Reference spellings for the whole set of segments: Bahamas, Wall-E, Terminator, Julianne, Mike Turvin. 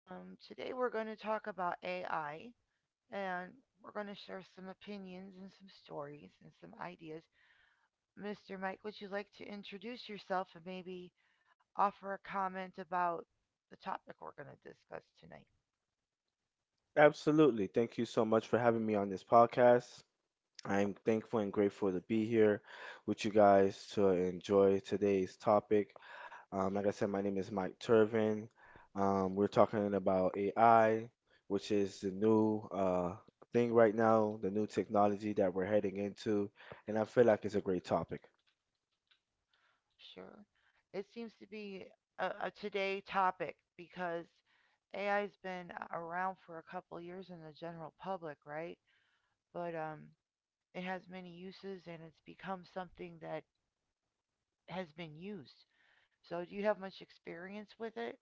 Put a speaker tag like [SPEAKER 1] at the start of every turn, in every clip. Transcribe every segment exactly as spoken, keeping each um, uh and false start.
[SPEAKER 1] Um, today we're going to talk about A I, and we're going to share some opinions and some stories and some ideas. Mister Mike, would you like to introduce yourself and maybe offer a comment about the topic we're going to discuss tonight?
[SPEAKER 2] Absolutely. Thank you so much for having me on this podcast. I'm thankful and grateful to be here with you guys to enjoy today's topic. Um, like I said, my name is Mike Turvin. Um, we're talking about A I, which is the new uh, thing right now, the new technology that we're heading into, and I feel like it's a great topic.
[SPEAKER 1] Sure. It seems to be a, a today topic because A I's been around for a couple years in the general public, right? But um, It has many uses and it's become something that has been used. So do you have much experience with it?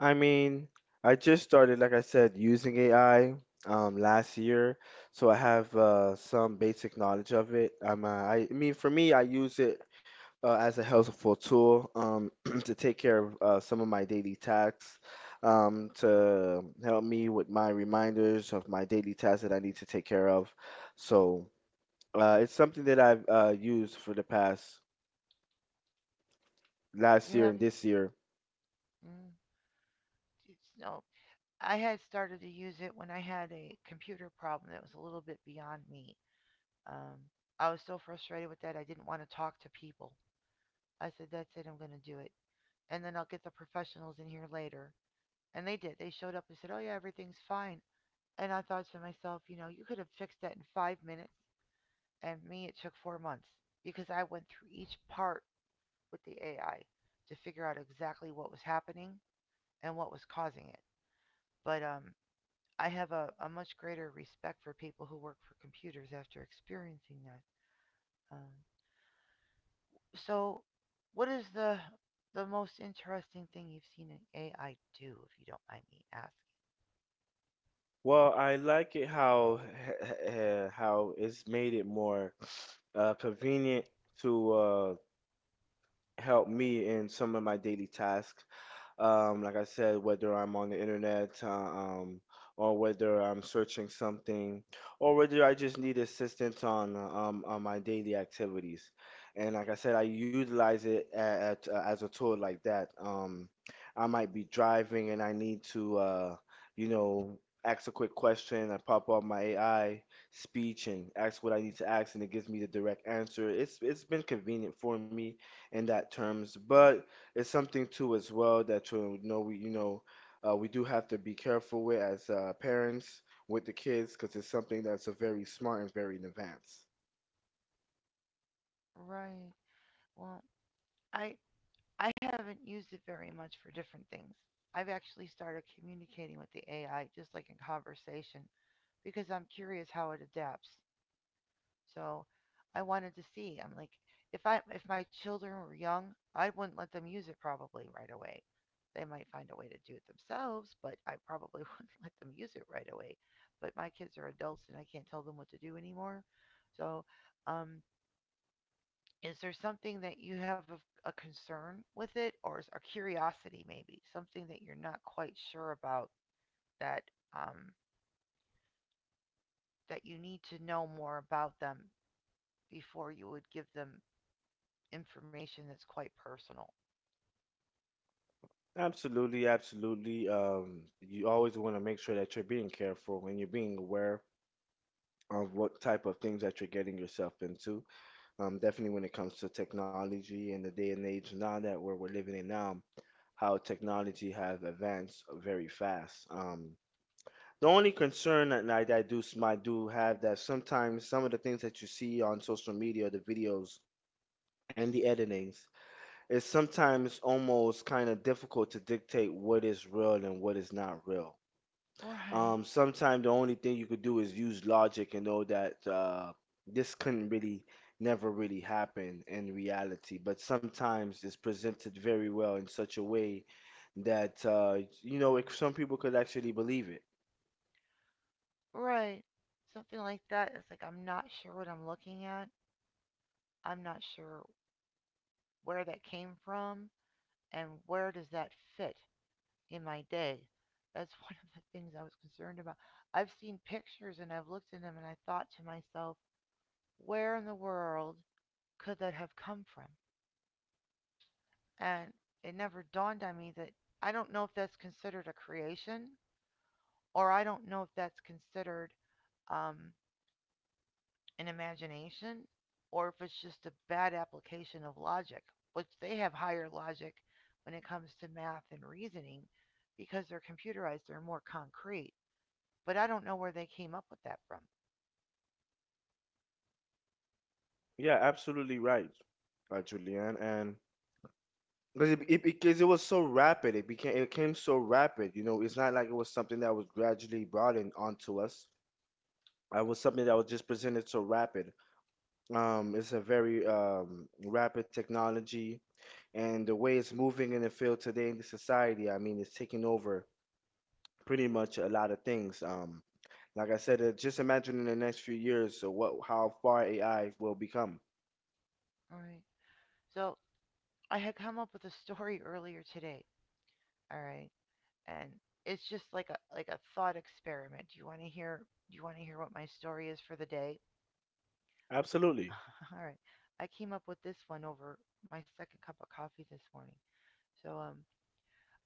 [SPEAKER 2] I mean, I just started, like I said, using A I um, last year, so I have uh, some basic knowledge of it. Um, uh, I, I mean, for me, I use it uh, as a helpful tool um, to take care of uh, some of my daily tasks, um, to help me with my reminders of my daily tasks that I need to take care of. So uh, it's something that I've uh, used for the past last
[SPEAKER 1] You
[SPEAKER 2] year
[SPEAKER 1] have.
[SPEAKER 2] and this year.
[SPEAKER 1] Mm, it's, no. I had started to use it when I had a computer problem that was a little bit beyond me. Um, I was so frustrated with that I didn't want to talk to people. I said, "That's it. I'm going to do it." And then I'll get the professionals in here later. And they did. They showed up and said, "Oh yeah, everything's fine." And I thought to myself, you know, you could have fixed that in five minutes. And me it took four months because I went through each part with the A I to figure out exactly what was happening and what was causing it. But um, I have a, a much greater respect for people who work for computers after experiencing that. Um, so, what is the the most interesting thing you've seen an A I do, if you don't mind me asking?
[SPEAKER 2] Well, I like it how uh, how it's made it more uh, convenient to uh, help me in some of my daily tasks. Um, like I said, whether I'm on the internet, uh, um, or whether I'm searching something, or whether I just need assistance on uh, um, on my daily activities. And like I said, I utilize it at, uh, as a tool like that. Um, I might be driving and I need to, uh, you know, ask a quick question. I pop up my A I speech and ask what I need to ask, and it gives me the direct answer. It's it's been convenient for me in that terms, but it's something too as well that you know we you know uh, we do have to be careful with as uh, parents with the kids because it's something that's a very smart and very in advance.
[SPEAKER 1] Right. Well, I I haven't used it very much for different things. I've actually started communicating with the A I just like in conversation because I'm curious how it adapts. So I wanted to see. I'm like, if I if my children were young, I wouldn't let them use it probably right away. They might find a way to do it themselves, but I probably wouldn't let them use it right away. But my kids are adults and I can't tell them what to do anymore. So, um, is there something that you have a, a concern with it, or is, a curiosity maybe something that you're not quite sure about that um, that you need to know more about them before you would give them information that's quite personal.
[SPEAKER 2] Absolutely, absolutely. Um, you always want to make sure that you're being careful and you're being aware of what type of things that you're getting yourself into. Um, definitely when it comes to technology and the day and age now that where we're living in now, how technology has advanced very fast. Um, The only concern that I, that I do s- might do have that sometimes some of the things that you see on social media, the videos and the editings, is sometimes almost kind of difficult to dictate what is real and what is not real.
[SPEAKER 1] Right.
[SPEAKER 2] Um, sometimes the only thing you could do is use logic and know that uh, this couldn't really, never really happen in reality. But sometimes it's presented very well in such a way that uh, you know it, some people could actually believe it.
[SPEAKER 1] Right. Something like that. It's like, I'm not sure what I'm looking at. I'm not sure where that came from and where does that fit in my day. That's one of the things I was concerned about. I've seen pictures and I've looked at them and I thought to myself, where in the world could that have come from? And it never dawned on me that I don't know if that's considered a creation or I don't know if that's considered um, an imagination or if it's just a bad application of logic, which they have higher logic when it comes to math and reasoning because they're computerized, they're more concrete. But I don't know where they came up with that from.
[SPEAKER 2] Yeah, absolutely right, uh, Julianne. And because it, it, because it was so rapid, it became it came so rapid. You know, it's not like it was something that was gradually brought in onto us. uh, It was something that was just presented so rapid. Um, it's a very um, rapid technology, and the way it's moving in the field today in the society, I mean, it's taking over pretty much a lot of things. Um, like I said, uh, just imagine in the next few years, so what, how far A I will become.
[SPEAKER 1] All right. So I had come up with a story earlier today. All right. And it's just like a like a thought experiment. Do you want to hear do you want to hear what my story is for the day?
[SPEAKER 2] Absolutely.
[SPEAKER 1] All right. I came up with this one over my second cup of coffee this morning. So um,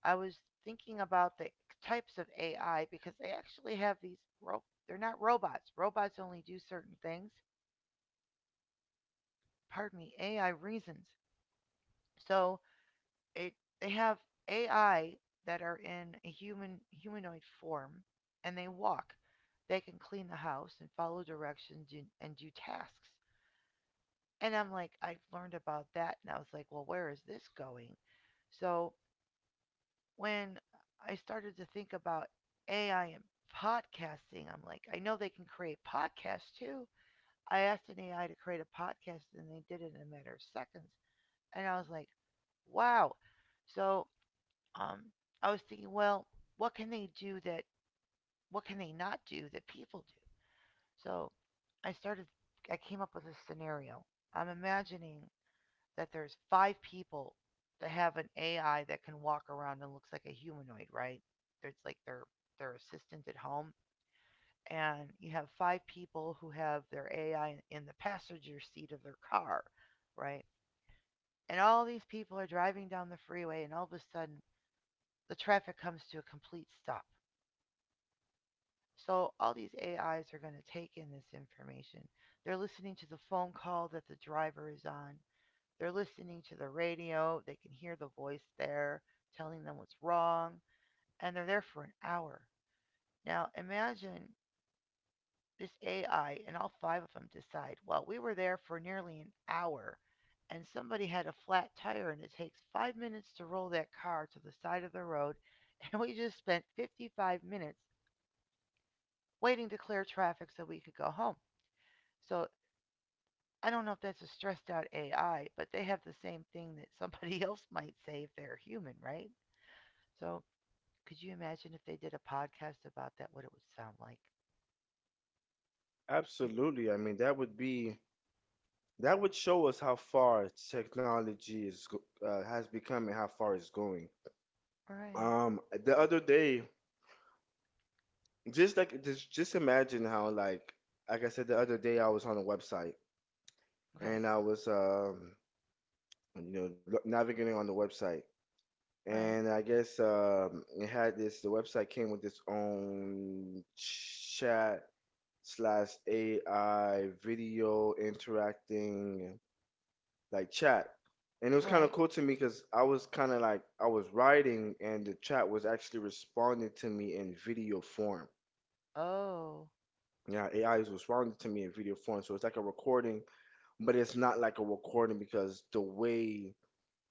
[SPEAKER 1] I was thinking about the types of A I because they actually have these. Ro- they're not robots. Robots only do certain things. Pardon me. A I reasons. So it they have A I that are in a human humanoid form, and they walk. They can clean the house and follow directions and, and do tasks. And I'm like, I've learned about that. And I was like, well, where is this going? So when I started to think about A I and podcasting, I'm like, I know they can create podcasts too. I asked an A I to create a podcast and they did it in a matter of seconds. And I was like, wow. So um, I was thinking, well, what can they do that, what can they not do that people do? So I started, I came up with a scenario. I'm imagining that there's five people that have an A I that can walk around and looks like a humanoid, right? It's like their their assistant at home, and you have five people who have their A I in- the passenger seat of their car, right? And all these people are driving down the freeway, and all of a sudden the traffic comes to a complete stop. So all these A Is are going to take in this information. They're listening to the phone call that the driver is on. They're listening to the radio. They can hear the voice there telling them what's wrong. And they're there for an hour. Now, imagine this A I and all five of them decide, well, we were there for nearly an hour and somebody had a flat tire and it takes five minutes to roll that car to the side of the road. And we just spent fifty-five minutes waiting to clear traffic so we could go home. So I don't know if that's a stressed out A I, but they have the same thing that somebody else might say if they're human, right? So could you imagine if they did a podcast about that, what it would sound like? Eh,
[SPEAKER 2] Absolutely. I mean, that would be, that would show us how far technology is go- uh, has become and how far it's going.
[SPEAKER 1] right.
[SPEAKER 2] Um, the other day, just like just just imagine how, like like I said, the other day, I was on a website,
[SPEAKER 1] Okay.
[SPEAKER 2] and I was um you know lo- navigating on the website,
[SPEAKER 1] Right.
[SPEAKER 2] and I guess um it had this the website came with its own chat slash A I video interacting like chat. And it was kind of
[SPEAKER 1] Right.
[SPEAKER 2] cool to me because I was kind of like, I was writing and the chat was actually responding to me in video form.
[SPEAKER 1] Oh.
[SPEAKER 2] Yeah, A I is responding to me in video form, so it's like a recording, but it's not like a recording because the way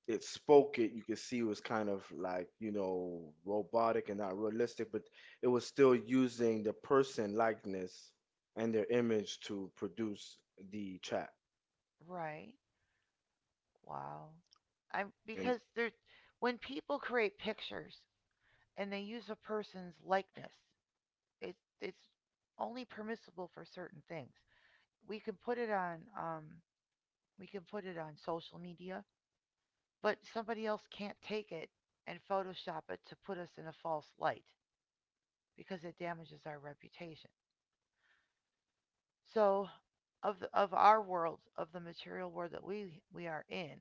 [SPEAKER 2] it spoke it, you could see it was kind of like, you know, robotic and not realistic, but it was still using the person likeness and their image to produce the chat.
[SPEAKER 1] Right. Wow. I'm
[SPEAKER 2] And
[SPEAKER 1] because there when people create pictures and they use a person's likeness, it's it's only permissible for certain things. We can put it on um we can put it on social media, but somebody else can't take it and photoshop it to put us in a false light because it damages our reputation. So of the, of our world, of the material world that we we are in,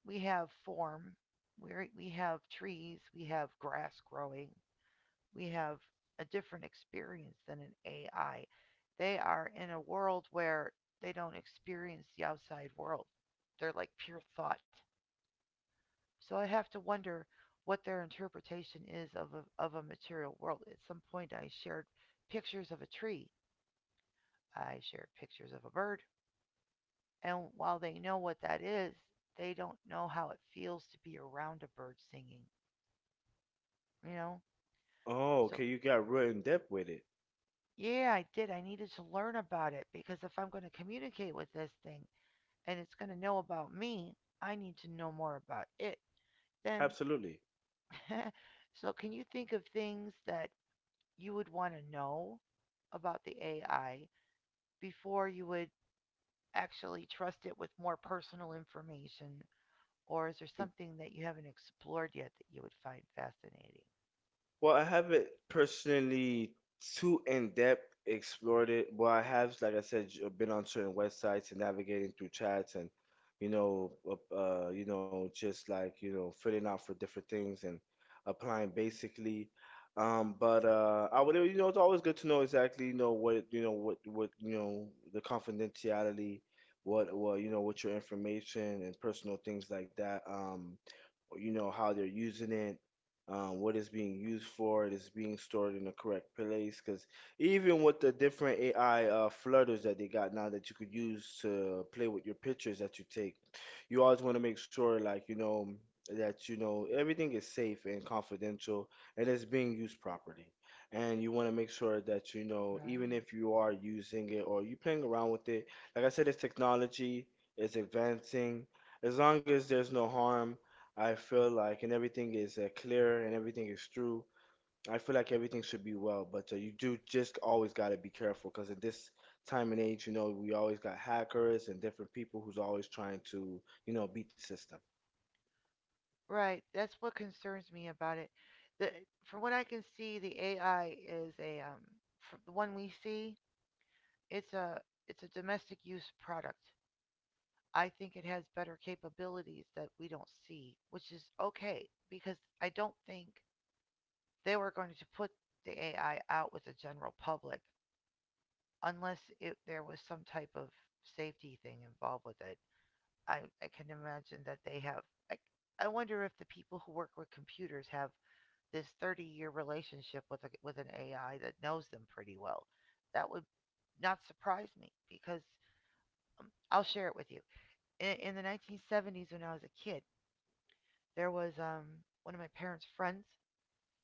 [SPEAKER 1] we have form, we we have trees, we have grass growing, we have a different experience than an A I. They are in a world where they don't experience the outside world. They're like pure thought. So I have to wonder what their interpretation is of a, of a material world. At some point, I shared pictures of a tree. I shared pictures of a bird. And while they know what that is, they don't know how it feels to be around a bird singing, you know?
[SPEAKER 2] oh,
[SPEAKER 1] So,
[SPEAKER 2] okay, you got real in depth with it.
[SPEAKER 1] yeah, I did. I needed to learn about it because if I'm going to communicate with this thing and it's going to know about me, I need to know more about it. Then,
[SPEAKER 2] Absolutely.
[SPEAKER 1] so can you think of things that you would want to know about the A I before you would actually trust it with more personal information? Or is there something that you haven't explored yet that you would find fascinating?
[SPEAKER 2] Well, I haven't personally too in depth explored it, but I have, like I said, j- been on certain websites and navigating through chats and, you know, uh, uh, you know, just like, you know, filling out for different things and applying basically. Um, but uh, I would, you know, it's always good to know exactly, you know, what, you know, what, what, you know, the confidentiality, what, what, you know, what your information and personal things like that. Um, you know how they're using it, um, what it's being used for, it is being stored in the correct place. Because even with the different A I uh, flutters that they got now that you could use to play with your pictures that you take, you always want to make sure, like you know, that you know everything is safe and confidential and it's being used properly. And you want to make sure that you know, even
[SPEAKER 1] Right.
[SPEAKER 2] if you are using it or you playing around with it, like I said, it's technology, it's advancing, as long as there's no harm I feel like, and everything is uh, clear and everything is true. I feel like everything should be well, but uh, you do just always got to be careful because in this time and age, you know, we always got hackers and different people who's always trying to, you know, beat the system.
[SPEAKER 1] Right. That's what concerns me about it. The From what I can see, the A I is a um fr the one we see, it's a it's a domestic use product. I think it has better capabilities that we don't see, which is okay because I don't think they were going to put the A I out with the general public unless it, there was some type of safety thing involved with it. I I can imagine that they have I I wonder if the people who work with computers have this thirty year relationship with a, with an A I that knows them pretty well. That would not surprise me because um, I'll share it with you. In, in the nineteen seventies, when I was a kid, there was um, one of my parents' friends,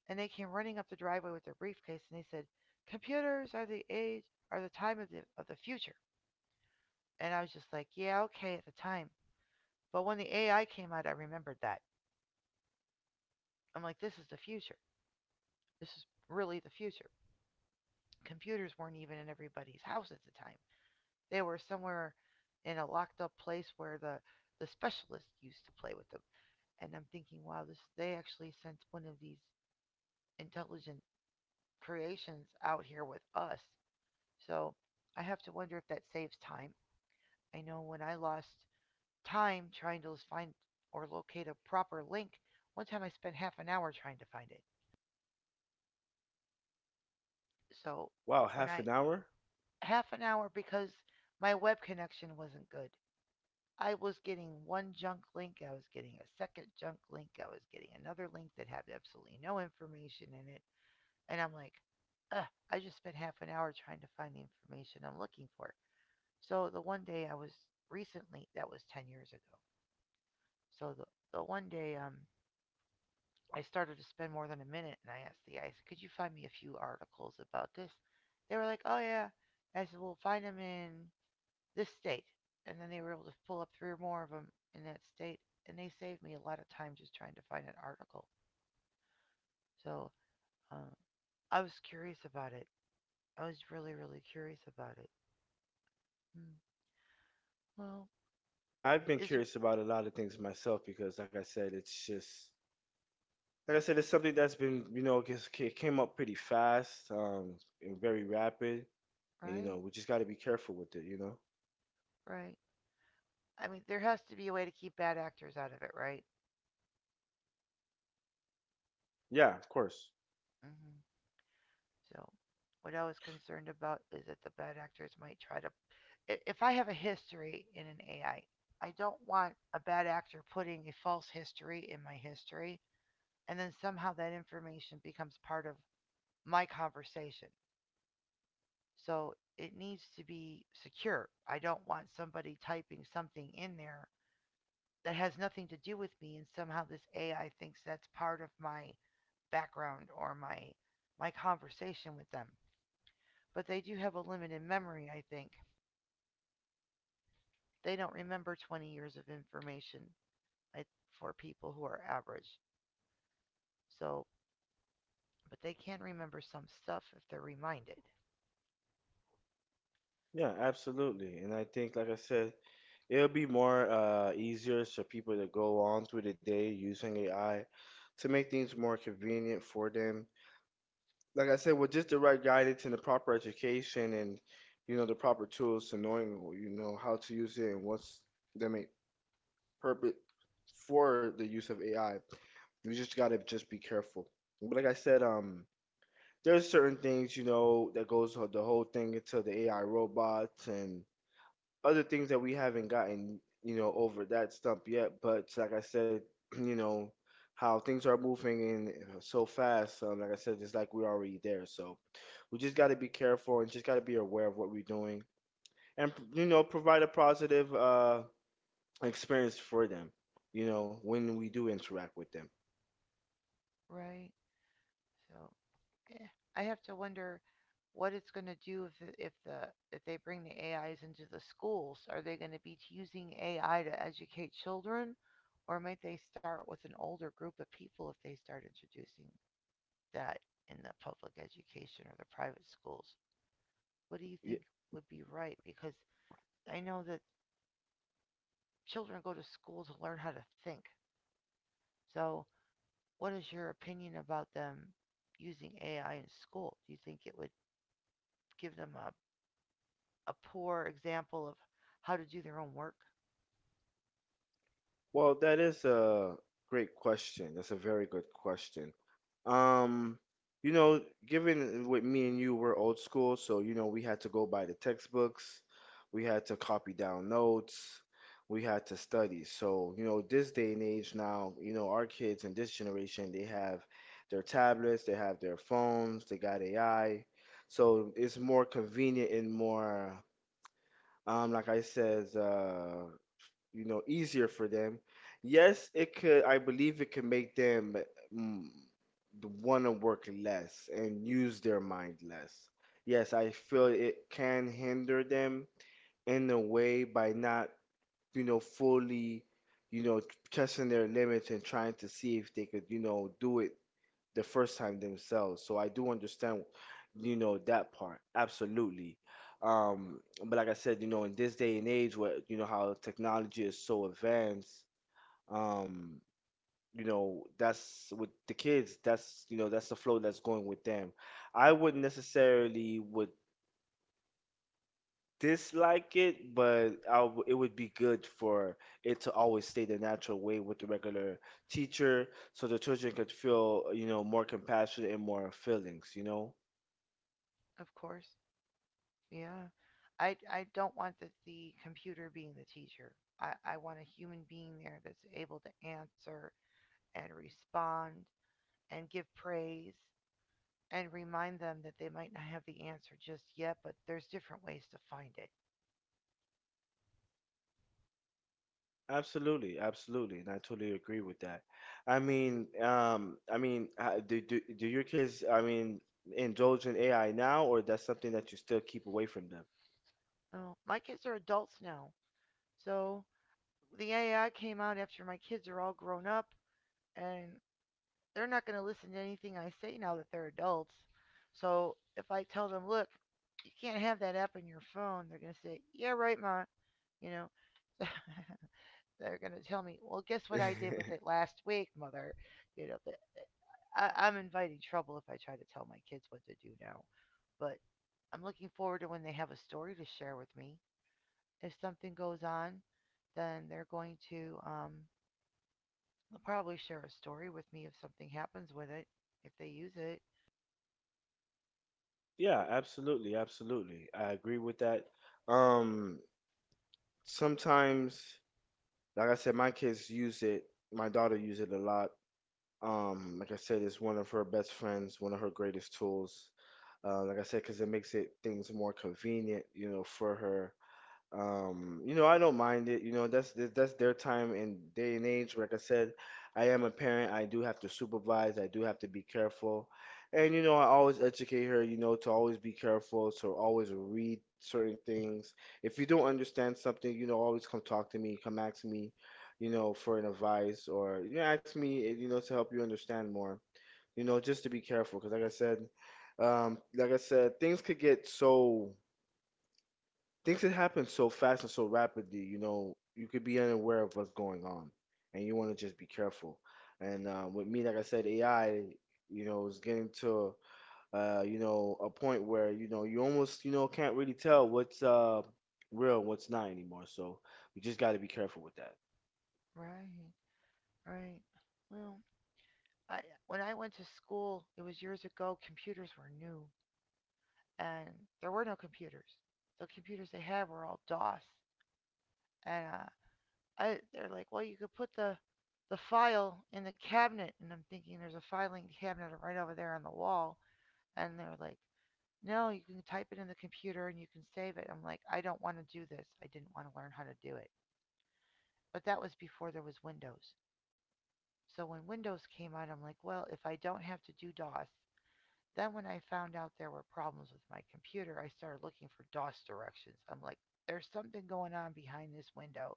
[SPEAKER 1] and they came running up the driveway with their briefcase, and they said, "Computers are the age, are the time of the of the future." And I was just like, "Yeah, okay," at the time. But when the A I came out, I remembered that. I'm like, "This is the future. This is really the future." Computers weren't even in everybody's house at the time. They were somewhere in a locked up place where the, the specialist used to play with them. And I'm thinking, wow, this they actually sent one of these intelligent creations out here with us. So I have to wonder if that saves time. I know when I lost time trying to find or locate a proper link, one time I spent half an hour trying to find it. So
[SPEAKER 2] Wow,
[SPEAKER 1] when
[SPEAKER 2] half an
[SPEAKER 1] I
[SPEAKER 2] hour?
[SPEAKER 1] half an hour because my web connection wasn't good. I was getting one junk link, I was getting a second junk link, I was getting another link that had absolutely no information in it. And I'm like, ugh, I just spent half an hour trying to find the information I'm looking for. So the one day I was recently, that was ten years ago. So the, the one day um, I started to spend more than a minute and I asked the guys, could you find me a few articles about this? They were like, oh yeah. I said, well, find them in this state. And then they were able to pull up three or more of them in that state. And they saved me a lot of time just trying to find an article. So um, I was curious about it. I was really, really curious about it. Mm, well,
[SPEAKER 2] I've been
[SPEAKER 1] is it
[SPEAKER 2] curious about a lot of things myself because, like I said, it's just, like I said, it's something that's been, you know, just, it came up pretty fast, um, and very rapid. And, you know,
[SPEAKER 1] right?
[SPEAKER 2] we just got to be careful with it, you know?
[SPEAKER 1] Right. I mean, there has to be a way to keep bad actors out of it, right?
[SPEAKER 2] Yeah, of course.
[SPEAKER 1] hmm So, what I was concerned about is that the bad actors might try to. If I have a history in an A I, I I don't want a bad actor putting a false history in my history and then somehow that information becomes part of my conversation. So it needs to be secure. I don't want somebody typing something in there that has nothing to do with me and somehow this A I thinks that's part of my background or my my conversation with them. But they do have a limited memory, I think. They don't remember twenty years of information for people who are average. So, but they can remember some stuff if they're reminded,
[SPEAKER 2] Yeah, absolutely. And I think, like I said, it'll be more uh, easier for people to go on through the day using A I to make things more convenient for them. Like I said, with just the right guidance and the proper education and, you know, the proper tools to knowing, you know, how to use it and what's the main purpose for the use of A I. You just gotta just be careful. But like I said, um, there's certain things, you know, that goes the whole thing into the A I robots and other things that we haven't gotten, you know, over that stump yet. But like I said, you know, how things are moving in so fast. Um, like I said, it's like we're already there. So we just got to be careful and just got to be aware of what we're doing, and you know, provide a positive uh, experience for them. You know, when we do interact with them.
[SPEAKER 1] right? So yeah. I have to wonder what it's going to do if the, if the if they bring the A Is into the schools. Are they going to be using A I to educate children, or might they start with an older group of people if they start introducing that in the public education or the private schools? What do you think would be right? Because I know that children go to school to learn how to think. So, what is your opinion about them using A I in school? Do you think it would give them a a poor example of how to do their own work,
[SPEAKER 2] Well, that is a great question. That's a very good question. Um, you know, given with me and you, we're old school, so you know, we had to go by the textbooks, we had to copy down notes, we had to study. So, you know, this day and age now, you know, our kids in this generation, they have their tablets, they have their phones, they got A I. So it's more convenient and more, um, like I said, uh, you know, easier for them. Yes, it could, I believe it could make them, mm, want to work less and use their mind less. Yes, I feel it can hinder them in a way by not, you know, fully, you know, testing their limits and trying to see if they could, you know, do it the first time themselves. So I do understand, you know, that part. Absolutely. Um, but like I said, you know, in this day and age where, you know, how technology is so advanced, um, you know, that's with the kids, that's, you know, that's the flow that's going with them. I wouldn't necessarily would dislike it, but I w it would be good for it to always stay the natural way with the regular teacher so the children could feel, you know, more compassion and more feelings, you know?
[SPEAKER 1] of course. Yeah. I, I don't want the, the computer being the teacher. I, I want a human being there that's able to answer and respond and give praise and remind them that they might not have the answer just yet, but there's different ways to find it.
[SPEAKER 2] Absolutely, absolutely, and I totally agree with that. I mean, um, I mean, uh, do, do do your kids, I mean, indulge in A I now, or that's something that you still keep away from them?
[SPEAKER 1] Oh, my kids are adults now. So the A I came out after my kids are all grown up, and they're not going to listen to anything I say now that they're adults. So if I tell them, look, you can't have that app on your phone, they're going to say, yeah, right, ma. You know, they're going to tell me, well, guess what I did with it last week, mother. You know, but I, I'm inviting trouble if I try to tell my kids what to do now. But I'm looking forward to when they have a story to share with me. If something goes on, then they're going to um, they'll probably share a story with me if something happens with it, if they use it.
[SPEAKER 2] Yeah, absolutely, absolutely. I agree with that. Um, Sometimes, like I said, my kids use it. My daughter uses it a lot. Um, like I said, it's one of her best friends, one of her greatest tools. Uh, like I said, because it makes it things more convenient, you know, for her. Um, you know, I don't mind it. You know, that's that's that's their time and day and age. Like I said, I am a parent. I do have to supervise. I do have to be careful. And you know, I always educate her, you know, to always be careful, to always read certain things. If you don't understand something, you know, always come talk to me, come ask me, you know, for an advice, or you know, ask me, you know, to help you understand more. You know, just to be careful, because like I said, um, like I said, things could get so things that happen so fast and so rapidly, you know, you could be unaware of what's going on, and you want to just be careful. And uh, with me, like I said, A I, you know, is getting to uh, you know, a point where you know you almost, you know, can't really tell what's uh real and what's not anymore. So we just got to be careful with that.
[SPEAKER 1] Right. Right. Well, I when I went to school, it was years ago. Computers were new, and there were no computers. The computers they had were all DOS, and uh, I they're like, well, you could put the the file in the cabinet, and I'm thinking there's a filing cabinet right over there on the wall, and they're like, no, you can type it in the computer and you can save it. I'm like, I don't want to do this. I didn't want to learn how to do it. But that was before there was Windows. So when Windows came out, I'm like, well, if I don't have to do DOS, then when I found out there were problems with my computer, I started looking for DOS directions. I'm like, there's something going on behind this window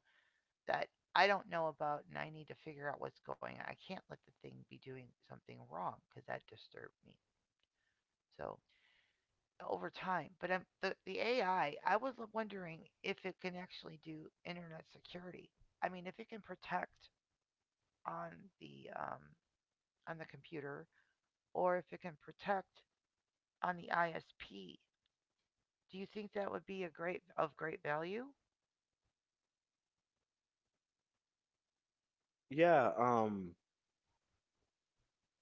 [SPEAKER 1] that I don't know about, and I need to figure out what's going on. I can't let the thing be doing something wrong because that disturbed me. So over time, but um, the the A I, I I was wondering if it can actually do internet security. I mean, if it can protect on the um, on the computer, or if it can protect on the I S P. Do you think that would be a great of great value?
[SPEAKER 2] Yeah. Um.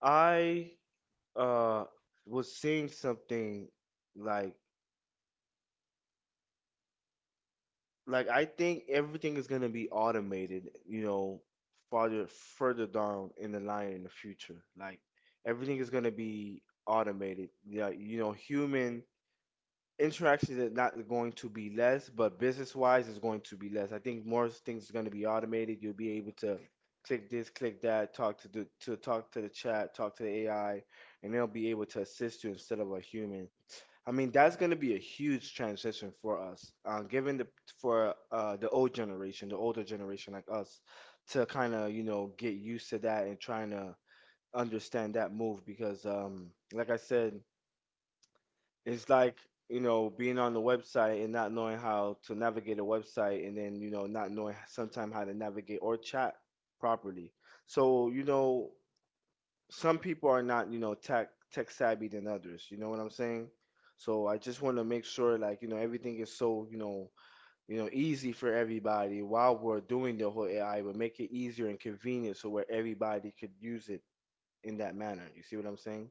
[SPEAKER 2] I uh was seeing something like like I think everything is gonna be automated, you know, farther further down in the line in the future. Like everything is gonna be automated. Yeah, you know, human interactions are not going to be less, but business wise is going to be less. I think more things are gonna be automated. You'll be able to click this, click that, talk to the to talk to the chat, talk to the A I, and they'll be able to assist you instead of a human. I mean, that's going to be a huge transition for us, uh, given the for uh, the old generation, the older generation like us, to kind of, you know, get used to that and trying to understand that move because, um, like I said, it's like, you know, being on the website and not knowing how to navigate a website, and then you know not knowing sometime how to navigate or chat properly. So you know some people are not, you know, tech tech savvy than others. You know what I'm saying? So I just want to make sure, like, you know, everything is so, you know, you know, easy for everybody while we're doing the whole A I, but make it easier and convenient so where everybody could use it in that manner. You see what I'm saying?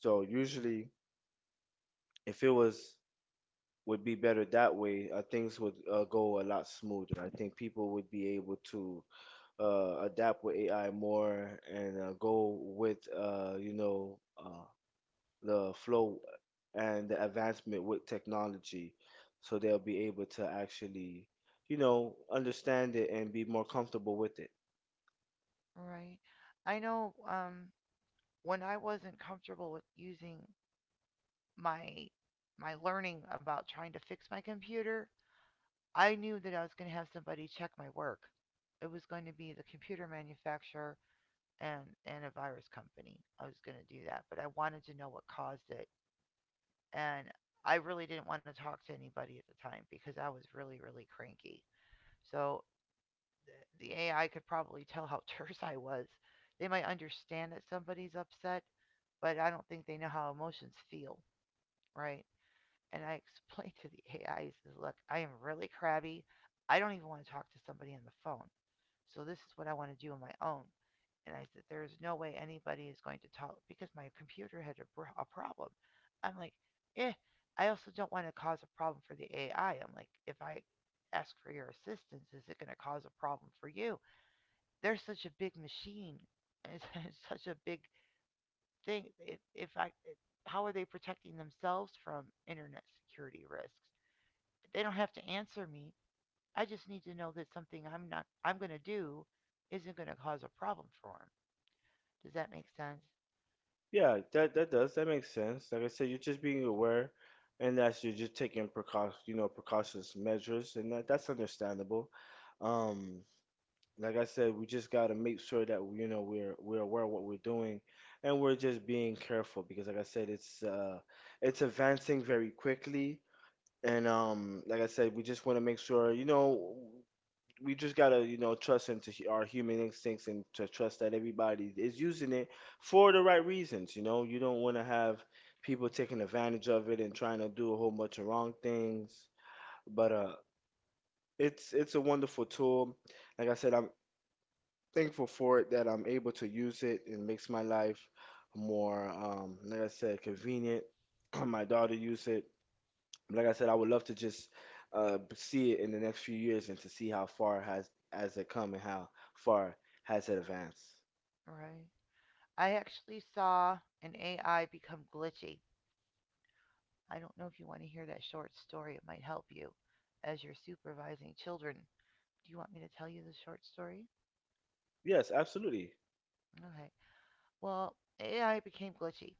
[SPEAKER 2] So usually, if it was would be better that way, uh, things would uh, go a lot smoother. I think people would be able to uh, adapt with A I more and uh, go with uh, you know. Uh, the flow and the advancement with technology, so they'll be able to actually, you know, understand it and be more comfortable with it.
[SPEAKER 1] Right. I know um, when I wasn't comfortable with using my my learning about trying to fix my computer, I knew that I was going to have somebody check my work. It was going to be the computer manufacturer and and a virus company. I was going to do that, but I wanted to know what caused it, and I really didn't want to talk to anybody at the time because I was really really cranky. So the A I could probably tell how terse I was. They might understand that somebody's upset, but I don't think they know how emotions feel, right? And I explained to the A I, said, look, I am really crabby. I don't even want to talk to somebody on the phone. So this is what I want to do on my own. And I said, there's no way anybody is going to talk because my computer had a, a problem. I'm like, eh, I also don't want to cause a problem for the A I. I'm like, if I ask for your assistance, is it going to cause a problem for you? They're such a big machine, it's, it's such a big thing if, if I how are they protecting themselves from internet security risks? They don't have to answer me. I just need to know that something i'm not i'm going to do isn't going to cause a problem for them. Does that make sense?
[SPEAKER 2] Yeah, that that does, that makes sense. Like I said, you're just being aware, and that's, you're just taking precaution, you know, precautious measures, and that that's understandable. um like I said, we just got to make sure that, you know, we're we're aware of what we're doing, and we're just being careful, because like I said, it's uh it's advancing very quickly. And um, like I said, we just want to make sure, you know, we just gotta, you know, trust into hu- our human instincts and to trust that everybody is using it for the right reasons. You know, you don't want to have people taking advantage of it and trying to do a whole bunch of wrong things. But uh, it's it's a wonderful tool. Like I said, I'm thankful for it that I'm able to use it. It makes my life more, um, like I said, convenient. My daughter use it, like I said. I would love to just uh, see it in the next few years and to see how far has has it come and how far has it advanced.
[SPEAKER 1] Right. I actually saw an AI become glitchy. I don't know if you want to hear that short story. It might help you as you're supervising children. Do you want me to tell you the short story?
[SPEAKER 2] Yes, absolutely,
[SPEAKER 1] Okay. Well, A I became glitchy.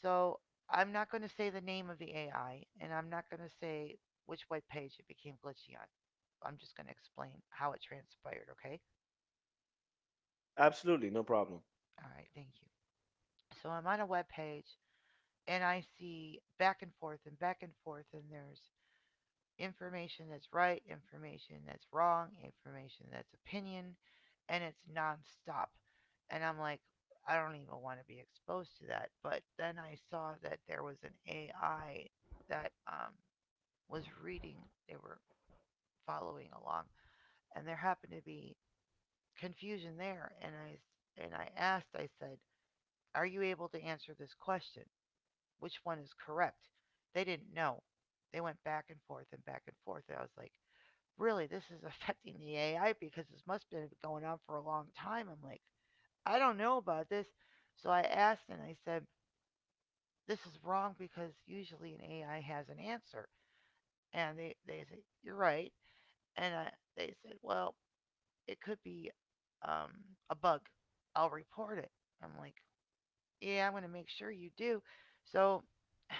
[SPEAKER 1] So I'm not going to say the name of the A I, and I'm not going to say which web page it became glitchy on. I'm just going to explain how it transpired, okay?
[SPEAKER 2] absolutely, no problem.
[SPEAKER 1] All right, thank you. So I'm on a web page, and I see back and forth and back and forth, and there's information that's right, information that's wrong, information that's opinion, and it's nonstop. And I'm like, I don't even want to be exposed to that. But then I saw that there was an A I that um, was reading, they were following along, and there happened to be confusion there. And I and I asked, I said, "Are you able to answer this question? Which one is correct?" They didn't know. They went back and forth and back and forth. And I was like, really this is affecting the A I because this must have been going on for a long time. I'm like, I don't know about this. So I asked and I said, this is wrong because usually an A I has an answer. And they, they said, you're right. And I, they said, well, it could be um, a bug. I'll report it. I'm like, yeah, I'm going to make sure you do. So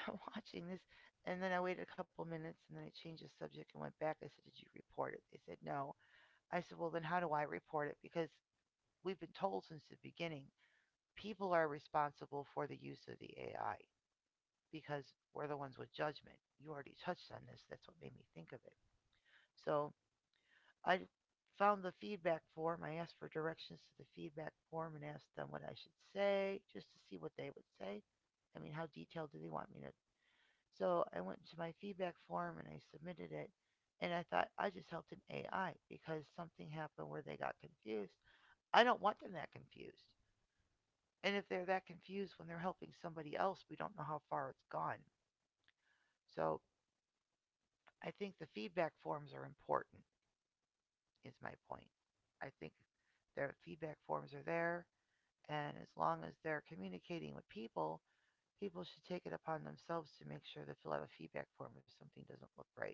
[SPEAKER 1] I'm watching this. And then I waited a couple minutes and then I changed the subject and went back. I said, did you report it? They said, no. I said, well, then how do I report it? Because we've been told since the beginning people are responsible for the use of the A I because we're the ones with judgment. You already touched on this. That's what made me think of it. So I found the feedback form. I asked for directions to the feedback form and asked them what I should say just to see what they would say. I mean, how detailed do they want me to? So I went to my feedback form and I submitted it. And I thought I just helped an A I because something happened where they got confused. I don't want them that confused. And if they're that confused when they're helping somebody else, we don't know how far it's gone. So I think the feedback forms are important, is my point. I think their feedback forms are there, and as long as they're communicating with people, people should take it upon themselves to make sure they fill out a feedback form if something doesn't look right.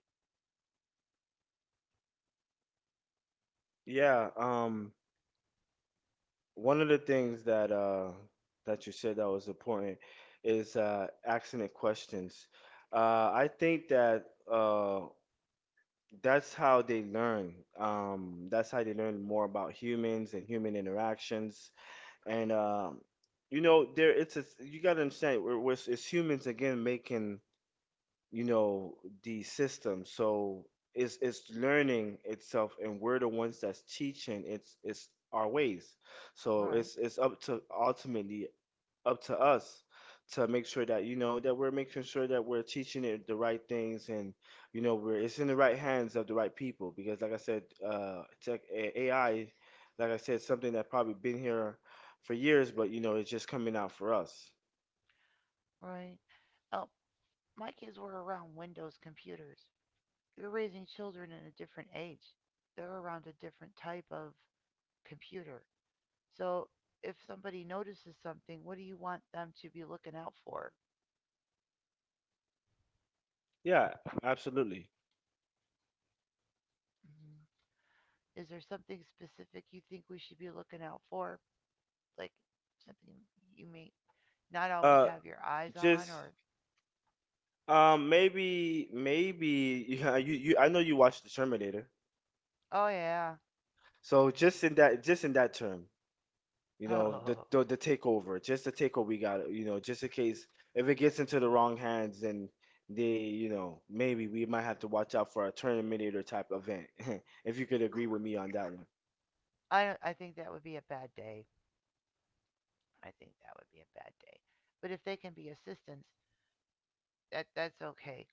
[SPEAKER 2] Yeah, um, one of the things that uh, that you said that was important is uh, accident questions. Uh, I think that uh, that's how they learn. Um, that's how they learn more about humans and human interactions, and um, you know, there it's, it's, you got to understand, we're, we're, it's humans again making, you know, the system. So it's it's learning itself, and we're the ones that's teaching, it's it's our ways. So
[SPEAKER 1] Right,
[SPEAKER 2] it's it's up to, ultimately, up to us to make sure that, you know, that we're making sure that we're teaching it the right things, and you know, we're it's in the right hands of the right people, because like I said, uh tech, A I, like I said, something that probably been here for years, but you know, it's just coming out for us.
[SPEAKER 1] right. Oh, my kids were around Windows computers. You're raising children in a different age. They're around a different type of computer. So if somebody notices something, what do you want them to be looking out for?
[SPEAKER 2] Yeah, absolutely.
[SPEAKER 1] Mhm. Is there something specific you think we should be looking out for? Like something you may not always
[SPEAKER 2] uh
[SPEAKER 1] have your eyes
[SPEAKER 2] just
[SPEAKER 1] on or
[SPEAKER 2] um maybe maybe you, you, I know you watched the Terminator.
[SPEAKER 1] oh yeah.
[SPEAKER 2] So just in that, just in that term, you know, the
[SPEAKER 1] Oh.
[SPEAKER 2] the, the takeover, just the takeover we got, you know, just in case if it gets into the wrong hands, then they, you know, maybe we might have to watch out for a Terminator type event. If you could agree with me on that one.
[SPEAKER 1] I don't- I think that would be a bad day. I think that would be a bad day. But if they can be assistants, that that's okay.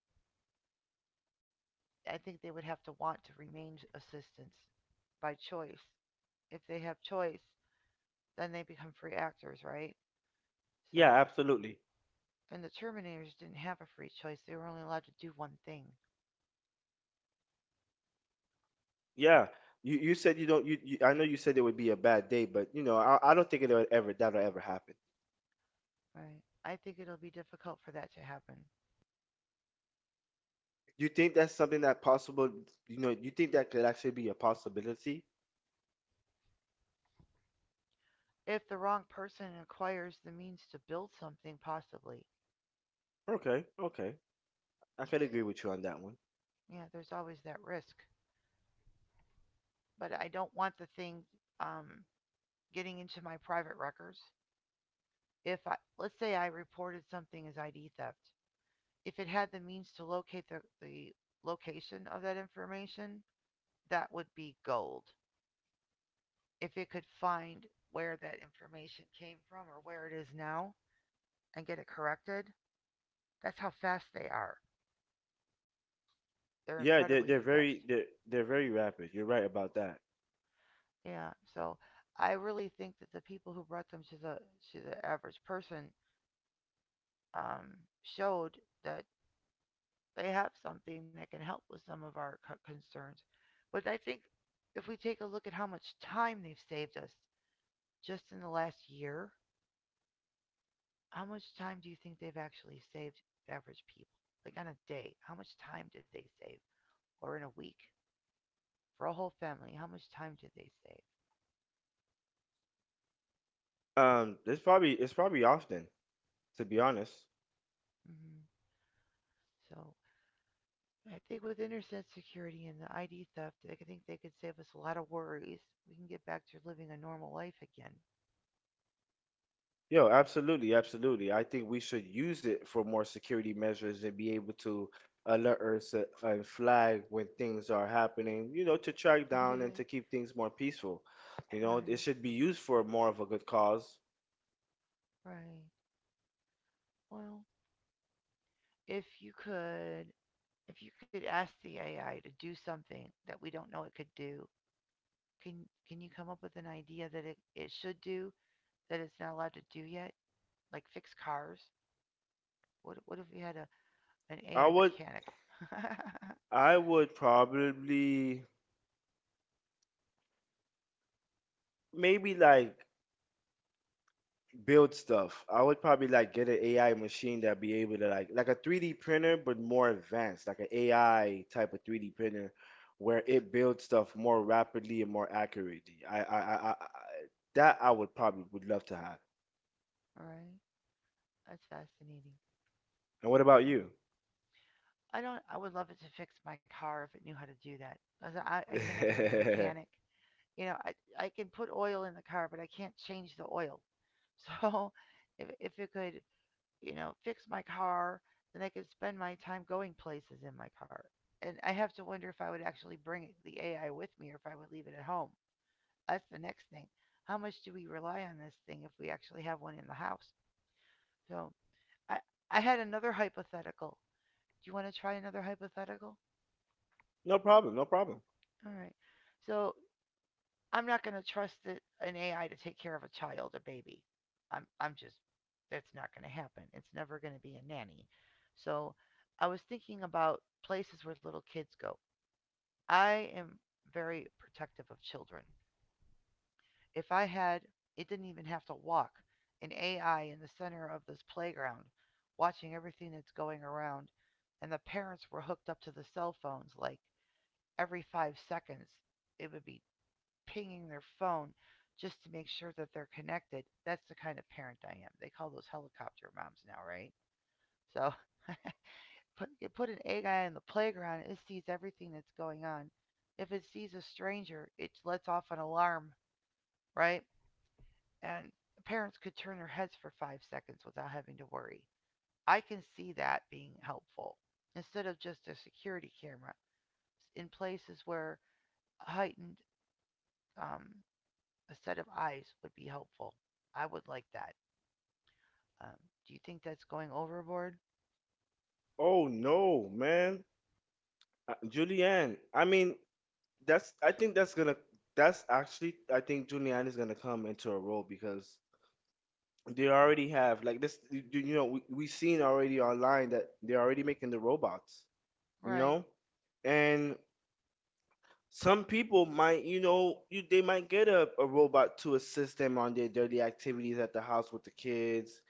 [SPEAKER 1] I think they would have to want to remain assistants by choice. If they have choice, then they become free actors, right?
[SPEAKER 2] Yeah,
[SPEAKER 1] So.
[SPEAKER 2] absolutely.
[SPEAKER 1] And the Terminators didn't have a free choice. They were only allowed to do one thing.
[SPEAKER 2] Yeah. You you said you don't you, you, I know you said it would be a bad day, but you know, I I don't think it'll ever that'll ever happen.
[SPEAKER 1] Right. I think it'll be difficult for that to happen.
[SPEAKER 2] You think that's something that possible, you know, you think that could actually be a possibility?
[SPEAKER 1] If the wrong person acquires the means to build something, possibly.
[SPEAKER 2] Okay, okay. I could agree with you on that one.
[SPEAKER 1] Yeah, there's always that risk. But I don't want the thing um, getting into my private records. If I, let's say I reported something as I D theft, if it had the means to locate the, the location of that information, that would be gold. If it could find where that information came from or where it is now and get it corrected, that's how fast they are. They're
[SPEAKER 2] Yeah, they're
[SPEAKER 1] incredibly
[SPEAKER 2] they're
[SPEAKER 1] fast.
[SPEAKER 2] very they're they're very rapid. You're right about that.
[SPEAKER 1] Yeah. So I really think that the people who brought them to the to the average person um, showed that they have something that can help with some of our co- concerns. But I think if we take a look at how much time they've saved us just in the last year. How much time do you think they've actually saved average people? Like on a day, how much time did they save? Or in a week? For a whole family, how much time did they save?
[SPEAKER 2] Um, it's probably, it's probably often, to be honest.
[SPEAKER 1] Hmm. So I think with internet security and the I D theft, I think they could save us a lot of worries. We can get back to living a normal life again.
[SPEAKER 2] Yo, absolutely, absolutely. I think we should use it for more security measures and be able to alert us, uh, and flag when things are happening, you know, to track down and to keep things more peaceful. You know, it
[SPEAKER 1] Right,
[SPEAKER 2] should be used for more of a good cause.
[SPEAKER 1] right. Well, if you could, if you could ask the A I to do something that we don't know it could do, can can you come up with an idea that it, it should do that it's not allowed to do yet, like fix cars. What what if we had a an
[SPEAKER 2] I
[SPEAKER 1] A I
[SPEAKER 2] would
[SPEAKER 1] mechanic? Right?
[SPEAKER 2] I would probably maybe like build stuff. I would probably like get an A I machine that be able to like like a three D printer but more advanced, like an A I type of three D printer where it builds stuff more rapidly and more accurately. I I I, I I- that I would probably would love to have.
[SPEAKER 1] That's fascinating.
[SPEAKER 2] And what about
[SPEAKER 1] Yeah.
[SPEAKER 2] you?
[SPEAKER 1] I don't. I would love it to fix my car if it knew how to do that. 'Cause I I can never be a mechanic. You know, I I can put oil in the car, but I can't change the oil. So if if it could, you know, fix my car, then I could spend my time going places in my car. And I have to wonder if I would actually bring the A I with me or if I would leave it at home. That's the next thing. How much do we rely on this thing if we actually have one in the house? So I, I had another hypothetical. Do you want to try another hypothetical?
[SPEAKER 2] No problem, no problem.
[SPEAKER 1] All right. So I'm not going to trust that an A I to take care of a child, a baby. I'm, I'm just, that's not going to happen. It's never going to be a nanny. So I was thinking about places where little kids go. I am very protective of children. If I had, it didn't even have to walk, an A I in the center of this playground, watching everything that's going around, and the parents were hooked up to the cell phones like every five seconds, it would be pinging their phone just to make sure that they're connected. That's the kind of parent I am. They call those helicopter moms now, right? So put, you put an A I in the playground, it sees everything that's going on. If it sees a stranger, it lets off an alarm, right? And parents could turn their heads for five seconds without having to worry. I can see that being helpful instead of just a security camera in places where a heightened um, a set of eyes would be helpful. I would like that. Um, do you think that's going overboard?
[SPEAKER 2] Oh no, man. Uh, Julianne, I mean, that's I think that's gonna, that's actually, I think Julianne is gonna come into a role, because they already have like this, you, you know, we, we seen already online that they're already making the robots, you
[SPEAKER 1] Right.
[SPEAKER 2] know. And some people might, you know, you, they might get a, a robot to assist them on their daily activities at the house with the kids.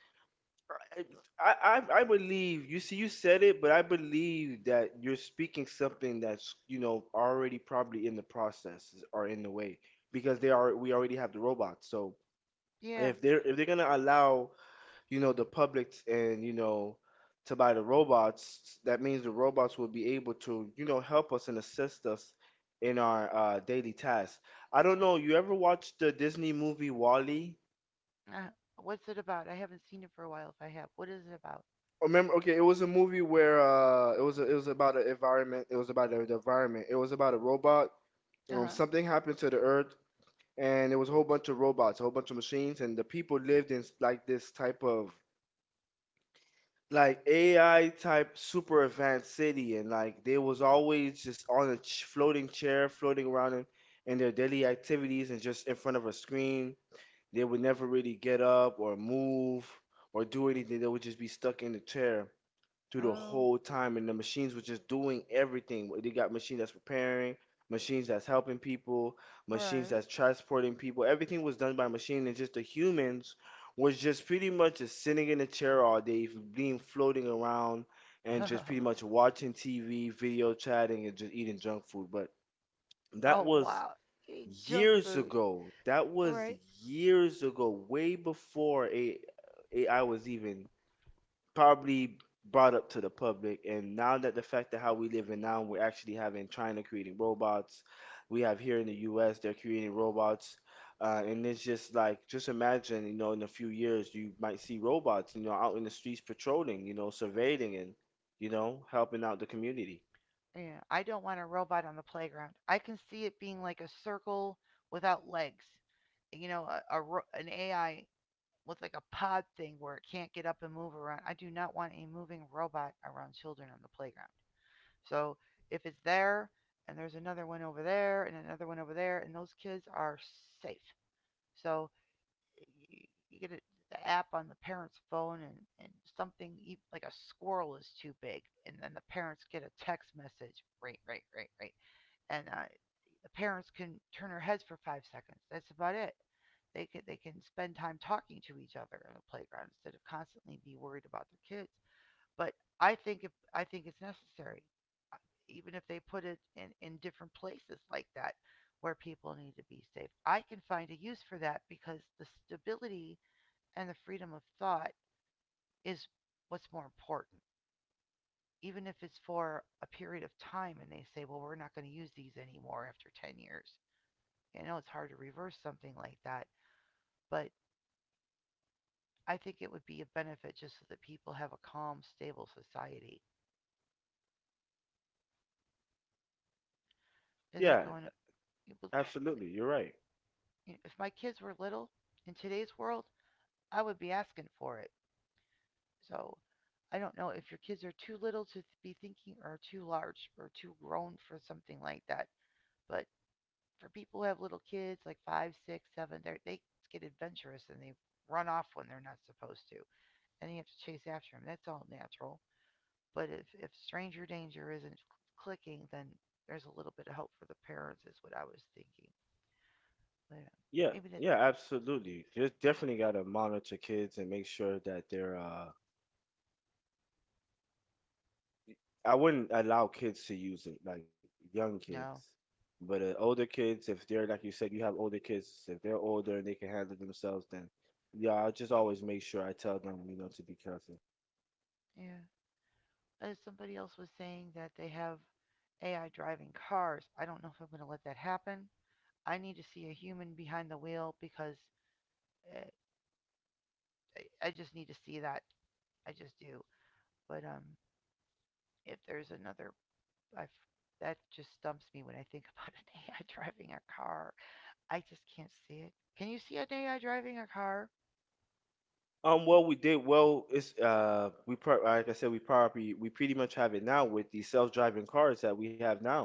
[SPEAKER 2] I, I i I believe, you see you said it, but I believe that you're speaking something that's, you know, already probably in the process or in the way, because they are, we already have the robots. So
[SPEAKER 1] Yeah.
[SPEAKER 2] if they're if they're gonna allow, you know, the public and, you know, to buy the robots, that means the robots will be able to, you know, help us and assist us in our uh, daily tasks. I don't know, you ever watched the Disney movie Wall-E?
[SPEAKER 1] Uh, what's it about? I haven't seen it for a while. If I have, what is it about?
[SPEAKER 2] Remember, okay, it was a movie where uh, it was a, it was about an environment. It was about the the environment. It was about a robot. Um,
[SPEAKER 1] Uh
[SPEAKER 2] something happened to the Earth, and there was a whole bunch of robots, a whole bunch of machines, and the people lived in like this type of like A I type super advanced city, and like they was always just on a ch- floating chair, floating around in, in their daily activities and just in front of a screen. They would never really get up or move or do anything. They would just be stuck in the chair through
[SPEAKER 1] huh.
[SPEAKER 2] the
[SPEAKER 1] Oh,
[SPEAKER 2] whole time, and the machines were just doing everything. They got machines that's repairing, machines that's helping people, machines
[SPEAKER 1] right.
[SPEAKER 2] that's transporting people. Everything was done by machine, and just the humans was just pretty much just sitting in a chair all day, being floating around, and just pretty much watching T V, video chatting, and just eating junk food. But
[SPEAKER 1] Oh
[SPEAKER 2] that
[SPEAKER 1] wow.
[SPEAKER 2] was
[SPEAKER 1] Eating junk
[SPEAKER 2] years
[SPEAKER 1] food.
[SPEAKER 2] ago. That was
[SPEAKER 1] Right.
[SPEAKER 2] years ago, way before A I was even probably brought up to the public. And now that the fact that how we live in now, we're actually having china creating robots, we have here in the us, they're creating robots, uh, and it's just like, just imagine, you know, in a few years you might see robots, you know, out in the streets patrolling, you know, surveilling, and you know, helping out the community.
[SPEAKER 1] Yeah, I don't want a robot on the playground. I can see it being like a circle without legs. You know, a, a ro- an A I with like a pod thing where it can't get up and move around. I do not want a moving robot around children on the playground. So if it's there and there's another one over there and another one over there and those kids are safe. So y- you get it, the app on the parent's phone and, and something e- like a squirrel is too big and then the parents get a text message. Right, right, right, right. And uh, the parents can turn their heads for five seconds. That's about it. They can they can spend time talking to each other on the playground instead of constantly be worried about their kids. But I think if I think it's necessary, uh, even if they put it in in different places like that where people need to be safe. I can find a use for that because the stability and the freedom of thought is what's more important. Even if it's for a period of time and they say, well, we're not going to use these anymore after ten years. I know it's hard to reverse something like that, but I think it would be a benefit just so that people have a calm, stable society. Is that
[SPEAKER 2] Yeah,
[SPEAKER 1] going to.
[SPEAKER 2] absolutely, you're right.
[SPEAKER 1] If my kids were little in today's world, I would be asking for it. So I don't know if your kids are too little to be thinking or too large or too grown for something like that. But for people who have little kids, like five, six, seven, they get adventurous and they run off when they're not supposed to. And you have to chase after them. That's all natural. But if, if stranger danger isn't clicking, then there's a little bit of hope for the parents, is what I was thinking. But uh,
[SPEAKER 2] Yeah.
[SPEAKER 1] maybe that.
[SPEAKER 2] Yeah, absolutely, just definitely got to monitor kids and make sure that they're uh I wouldn't allow kids to use it, like young kids.
[SPEAKER 1] No,
[SPEAKER 2] But uh, older kids, if they're, like you said, you have older kids, if they're older and they can handle themselves, then yeah, I just always make sure I tell them, you know, to be careful.
[SPEAKER 1] yeah. As somebody else was saying that they have A I driving cars. I don't know if I'm going to let that happen. I need to see a human behind the wheel because uh, I just need to see that. I just do. But um, if there's another, I've, that just stumps me when I think about an A I driving a car. I just can't see it. Can you see an A I driving a car?
[SPEAKER 2] Um, well, we did well. It's uh, we pro- like I said, we probably we pretty much have it now with the self-driving cars that we have now.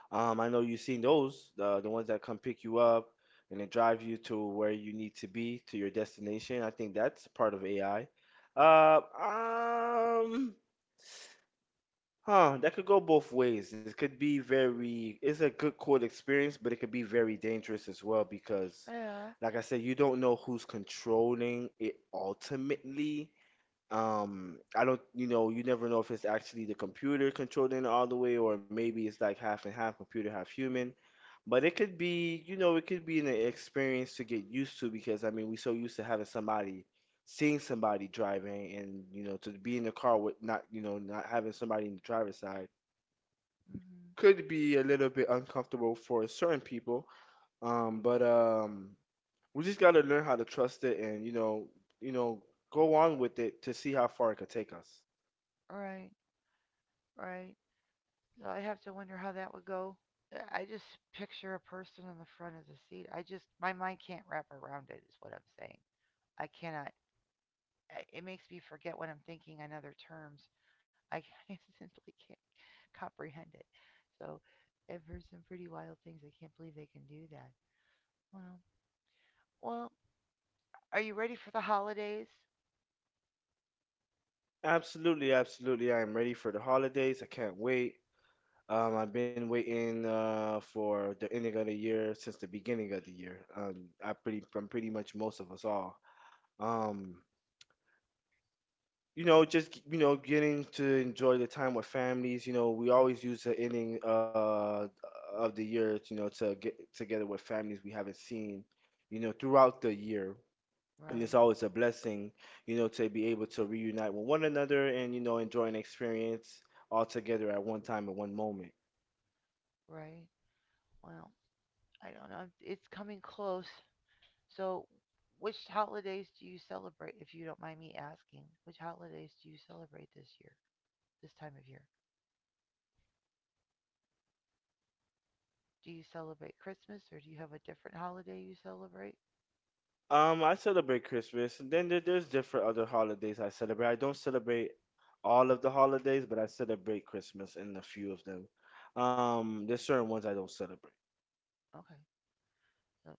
[SPEAKER 2] Um, I know you've seen those, uh, the ones that come pick you up and then drive you to where you need to be, to your destination. I think that's part of A I. Uh, um, huh, that could go both ways. It could be very, it's a good, cool experience, but it could be very dangerous as well because,
[SPEAKER 1] Yeah.
[SPEAKER 2] like I said, you don't know who's controlling it ultimately. Um, I don't, you know, You never know if it's actually the computer controlling it all the way, or maybe it's like half and half computer, half human. But it could be, you know, it could be an experience to get used to because I mean, we're so used to having somebody, seeing somebody driving, and you know, to be in the car with not, you know, not having somebody in the driver's side
[SPEAKER 1] Hmm.
[SPEAKER 2] could be a little bit uncomfortable for certain people. Um, but um, we just gotta learn how to trust it and you know, you know, go on with it to see how far it could take us.
[SPEAKER 1] Right. Right. So I have to wonder how that would go. Uh, I just picture a person in the front of the seat. I just my mind can't wrap around it. Is what I'm saying. I cannot. I- It makes me forget what I'm thinking on other terms. I I simply can't comprehend it. So I've heard some pretty wild things. I can't believe they can do that. Well, well. Are you ready for the holidays?
[SPEAKER 2] Absolutely, absolutely. I am ready for the holidays. I can't wait. Um, I've been waiting uh, for the ending of the year since the beginning of the year. Um, I pretty from pretty much most of us all. Um, you know, just you know, Getting to enjoy the time with families. You know, we always use the ending uh, of the year, you know, to get together with families we haven't seen, you know, throughout the year. And it's
[SPEAKER 1] Right.
[SPEAKER 2] always a blessing, you know, to be able to reunite with one another and you know enjoy an experience all together at one time at one moment.
[SPEAKER 1] Right. Well, I don't know. It's coming close. So, which holidays do you celebrate, if you don't mind me asking? Which holidays do you celebrate this year, this time of year? Do you celebrate Christmas or do you have a different holiday you celebrate?
[SPEAKER 2] Um, I celebrate Christmas. And then there, there's different other holidays I celebrate. I don't celebrate all of the holidays, but I celebrate Christmas and a few of them. Um, there's certain ones I don't celebrate.
[SPEAKER 1] Okay. So,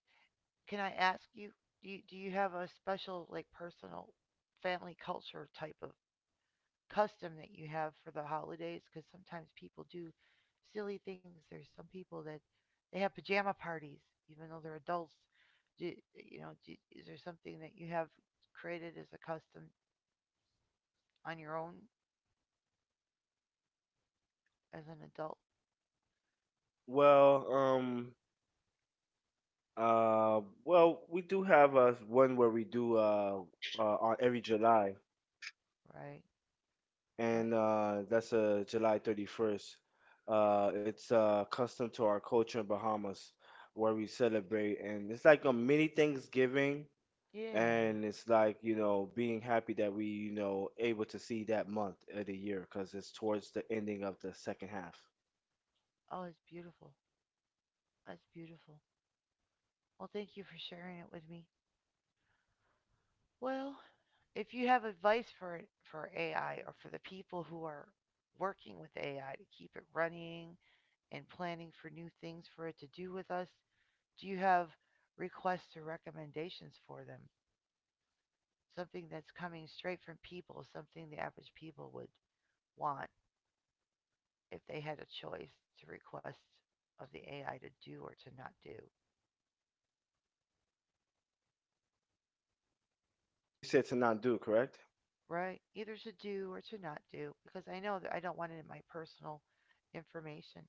[SPEAKER 1] can I ask you, do you, do you have a special, like, personal family culture type of custom that you have for the holidays because sometimes people do silly things. There's some people that they have pajama parties even though they're adults. Do, you know, do, is there something that you have created as a custom on your own as an adult,
[SPEAKER 2] Well, um, uh, well, we do have uh one where we do uh, uh on every July,
[SPEAKER 1] right?
[SPEAKER 2] and
[SPEAKER 1] Let's,
[SPEAKER 2] uh, that's uh July thirty-first. Uh, it's uh custom to our culture in Bahamas where we celebrate, and it's like a mini Thanksgiving,
[SPEAKER 1] yeah.
[SPEAKER 2] and it's like you know being happy that we you know able to see that month of the year because it's towards the ending of the second half.
[SPEAKER 1] Oh, it's beautiful. That's beautiful. Well, thank you for sharing it with me. Well, if you have advice for for A I or for the people who are working with A I to keep it running and planning for new things for it to do with us, do you have requests or recommendations for them? Something that's coming straight from people, something the average people would want if they had a choice to request of the A I to do or to not do,
[SPEAKER 2] You said to not do, correct?
[SPEAKER 1] right? Either to do or to not do, because I know that I don't want it in my personal information.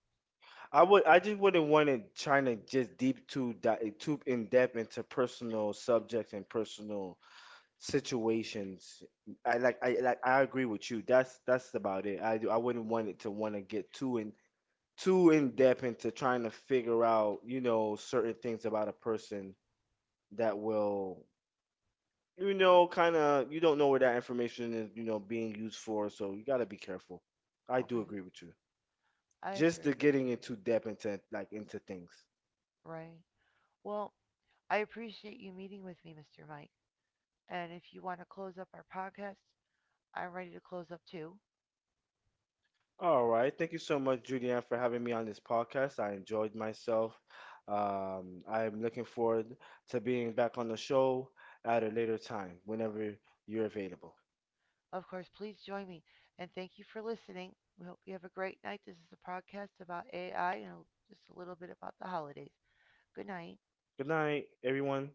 [SPEAKER 2] I would, i just wouldn't want to trying to just deep too di- too in depth into personal subjects and personal situations. I like i like I agree with you. That's that's about it. I do, I wouldn't want it to want to get too in too in depth into trying to figure out you know certain things about a person that will you know, kind of, you don't know where that information is, you know, being used for, so you gotta be careful. I do
[SPEAKER 1] Okay,
[SPEAKER 2] agree with you.
[SPEAKER 1] I
[SPEAKER 2] Just the
[SPEAKER 1] agree,
[SPEAKER 2] getting into depth into like into things.
[SPEAKER 1] right? Well, I appreciate you meeting with me, mister Mike. And if you want to close up our podcast, I'm ready to close up too.
[SPEAKER 2] All right, thank you so much, Julianne, for having me on this podcast. I enjoyed myself. Um, I am looking forward to being back on the show at a later time, whenever you're available.
[SPEAKER 1] Of course, please join me. And thank you for listening. We hope you have a great night. This is a podcast about A I and just a little bit about the holidays. Good night.
[SPEAKER 2] Good night, everyone.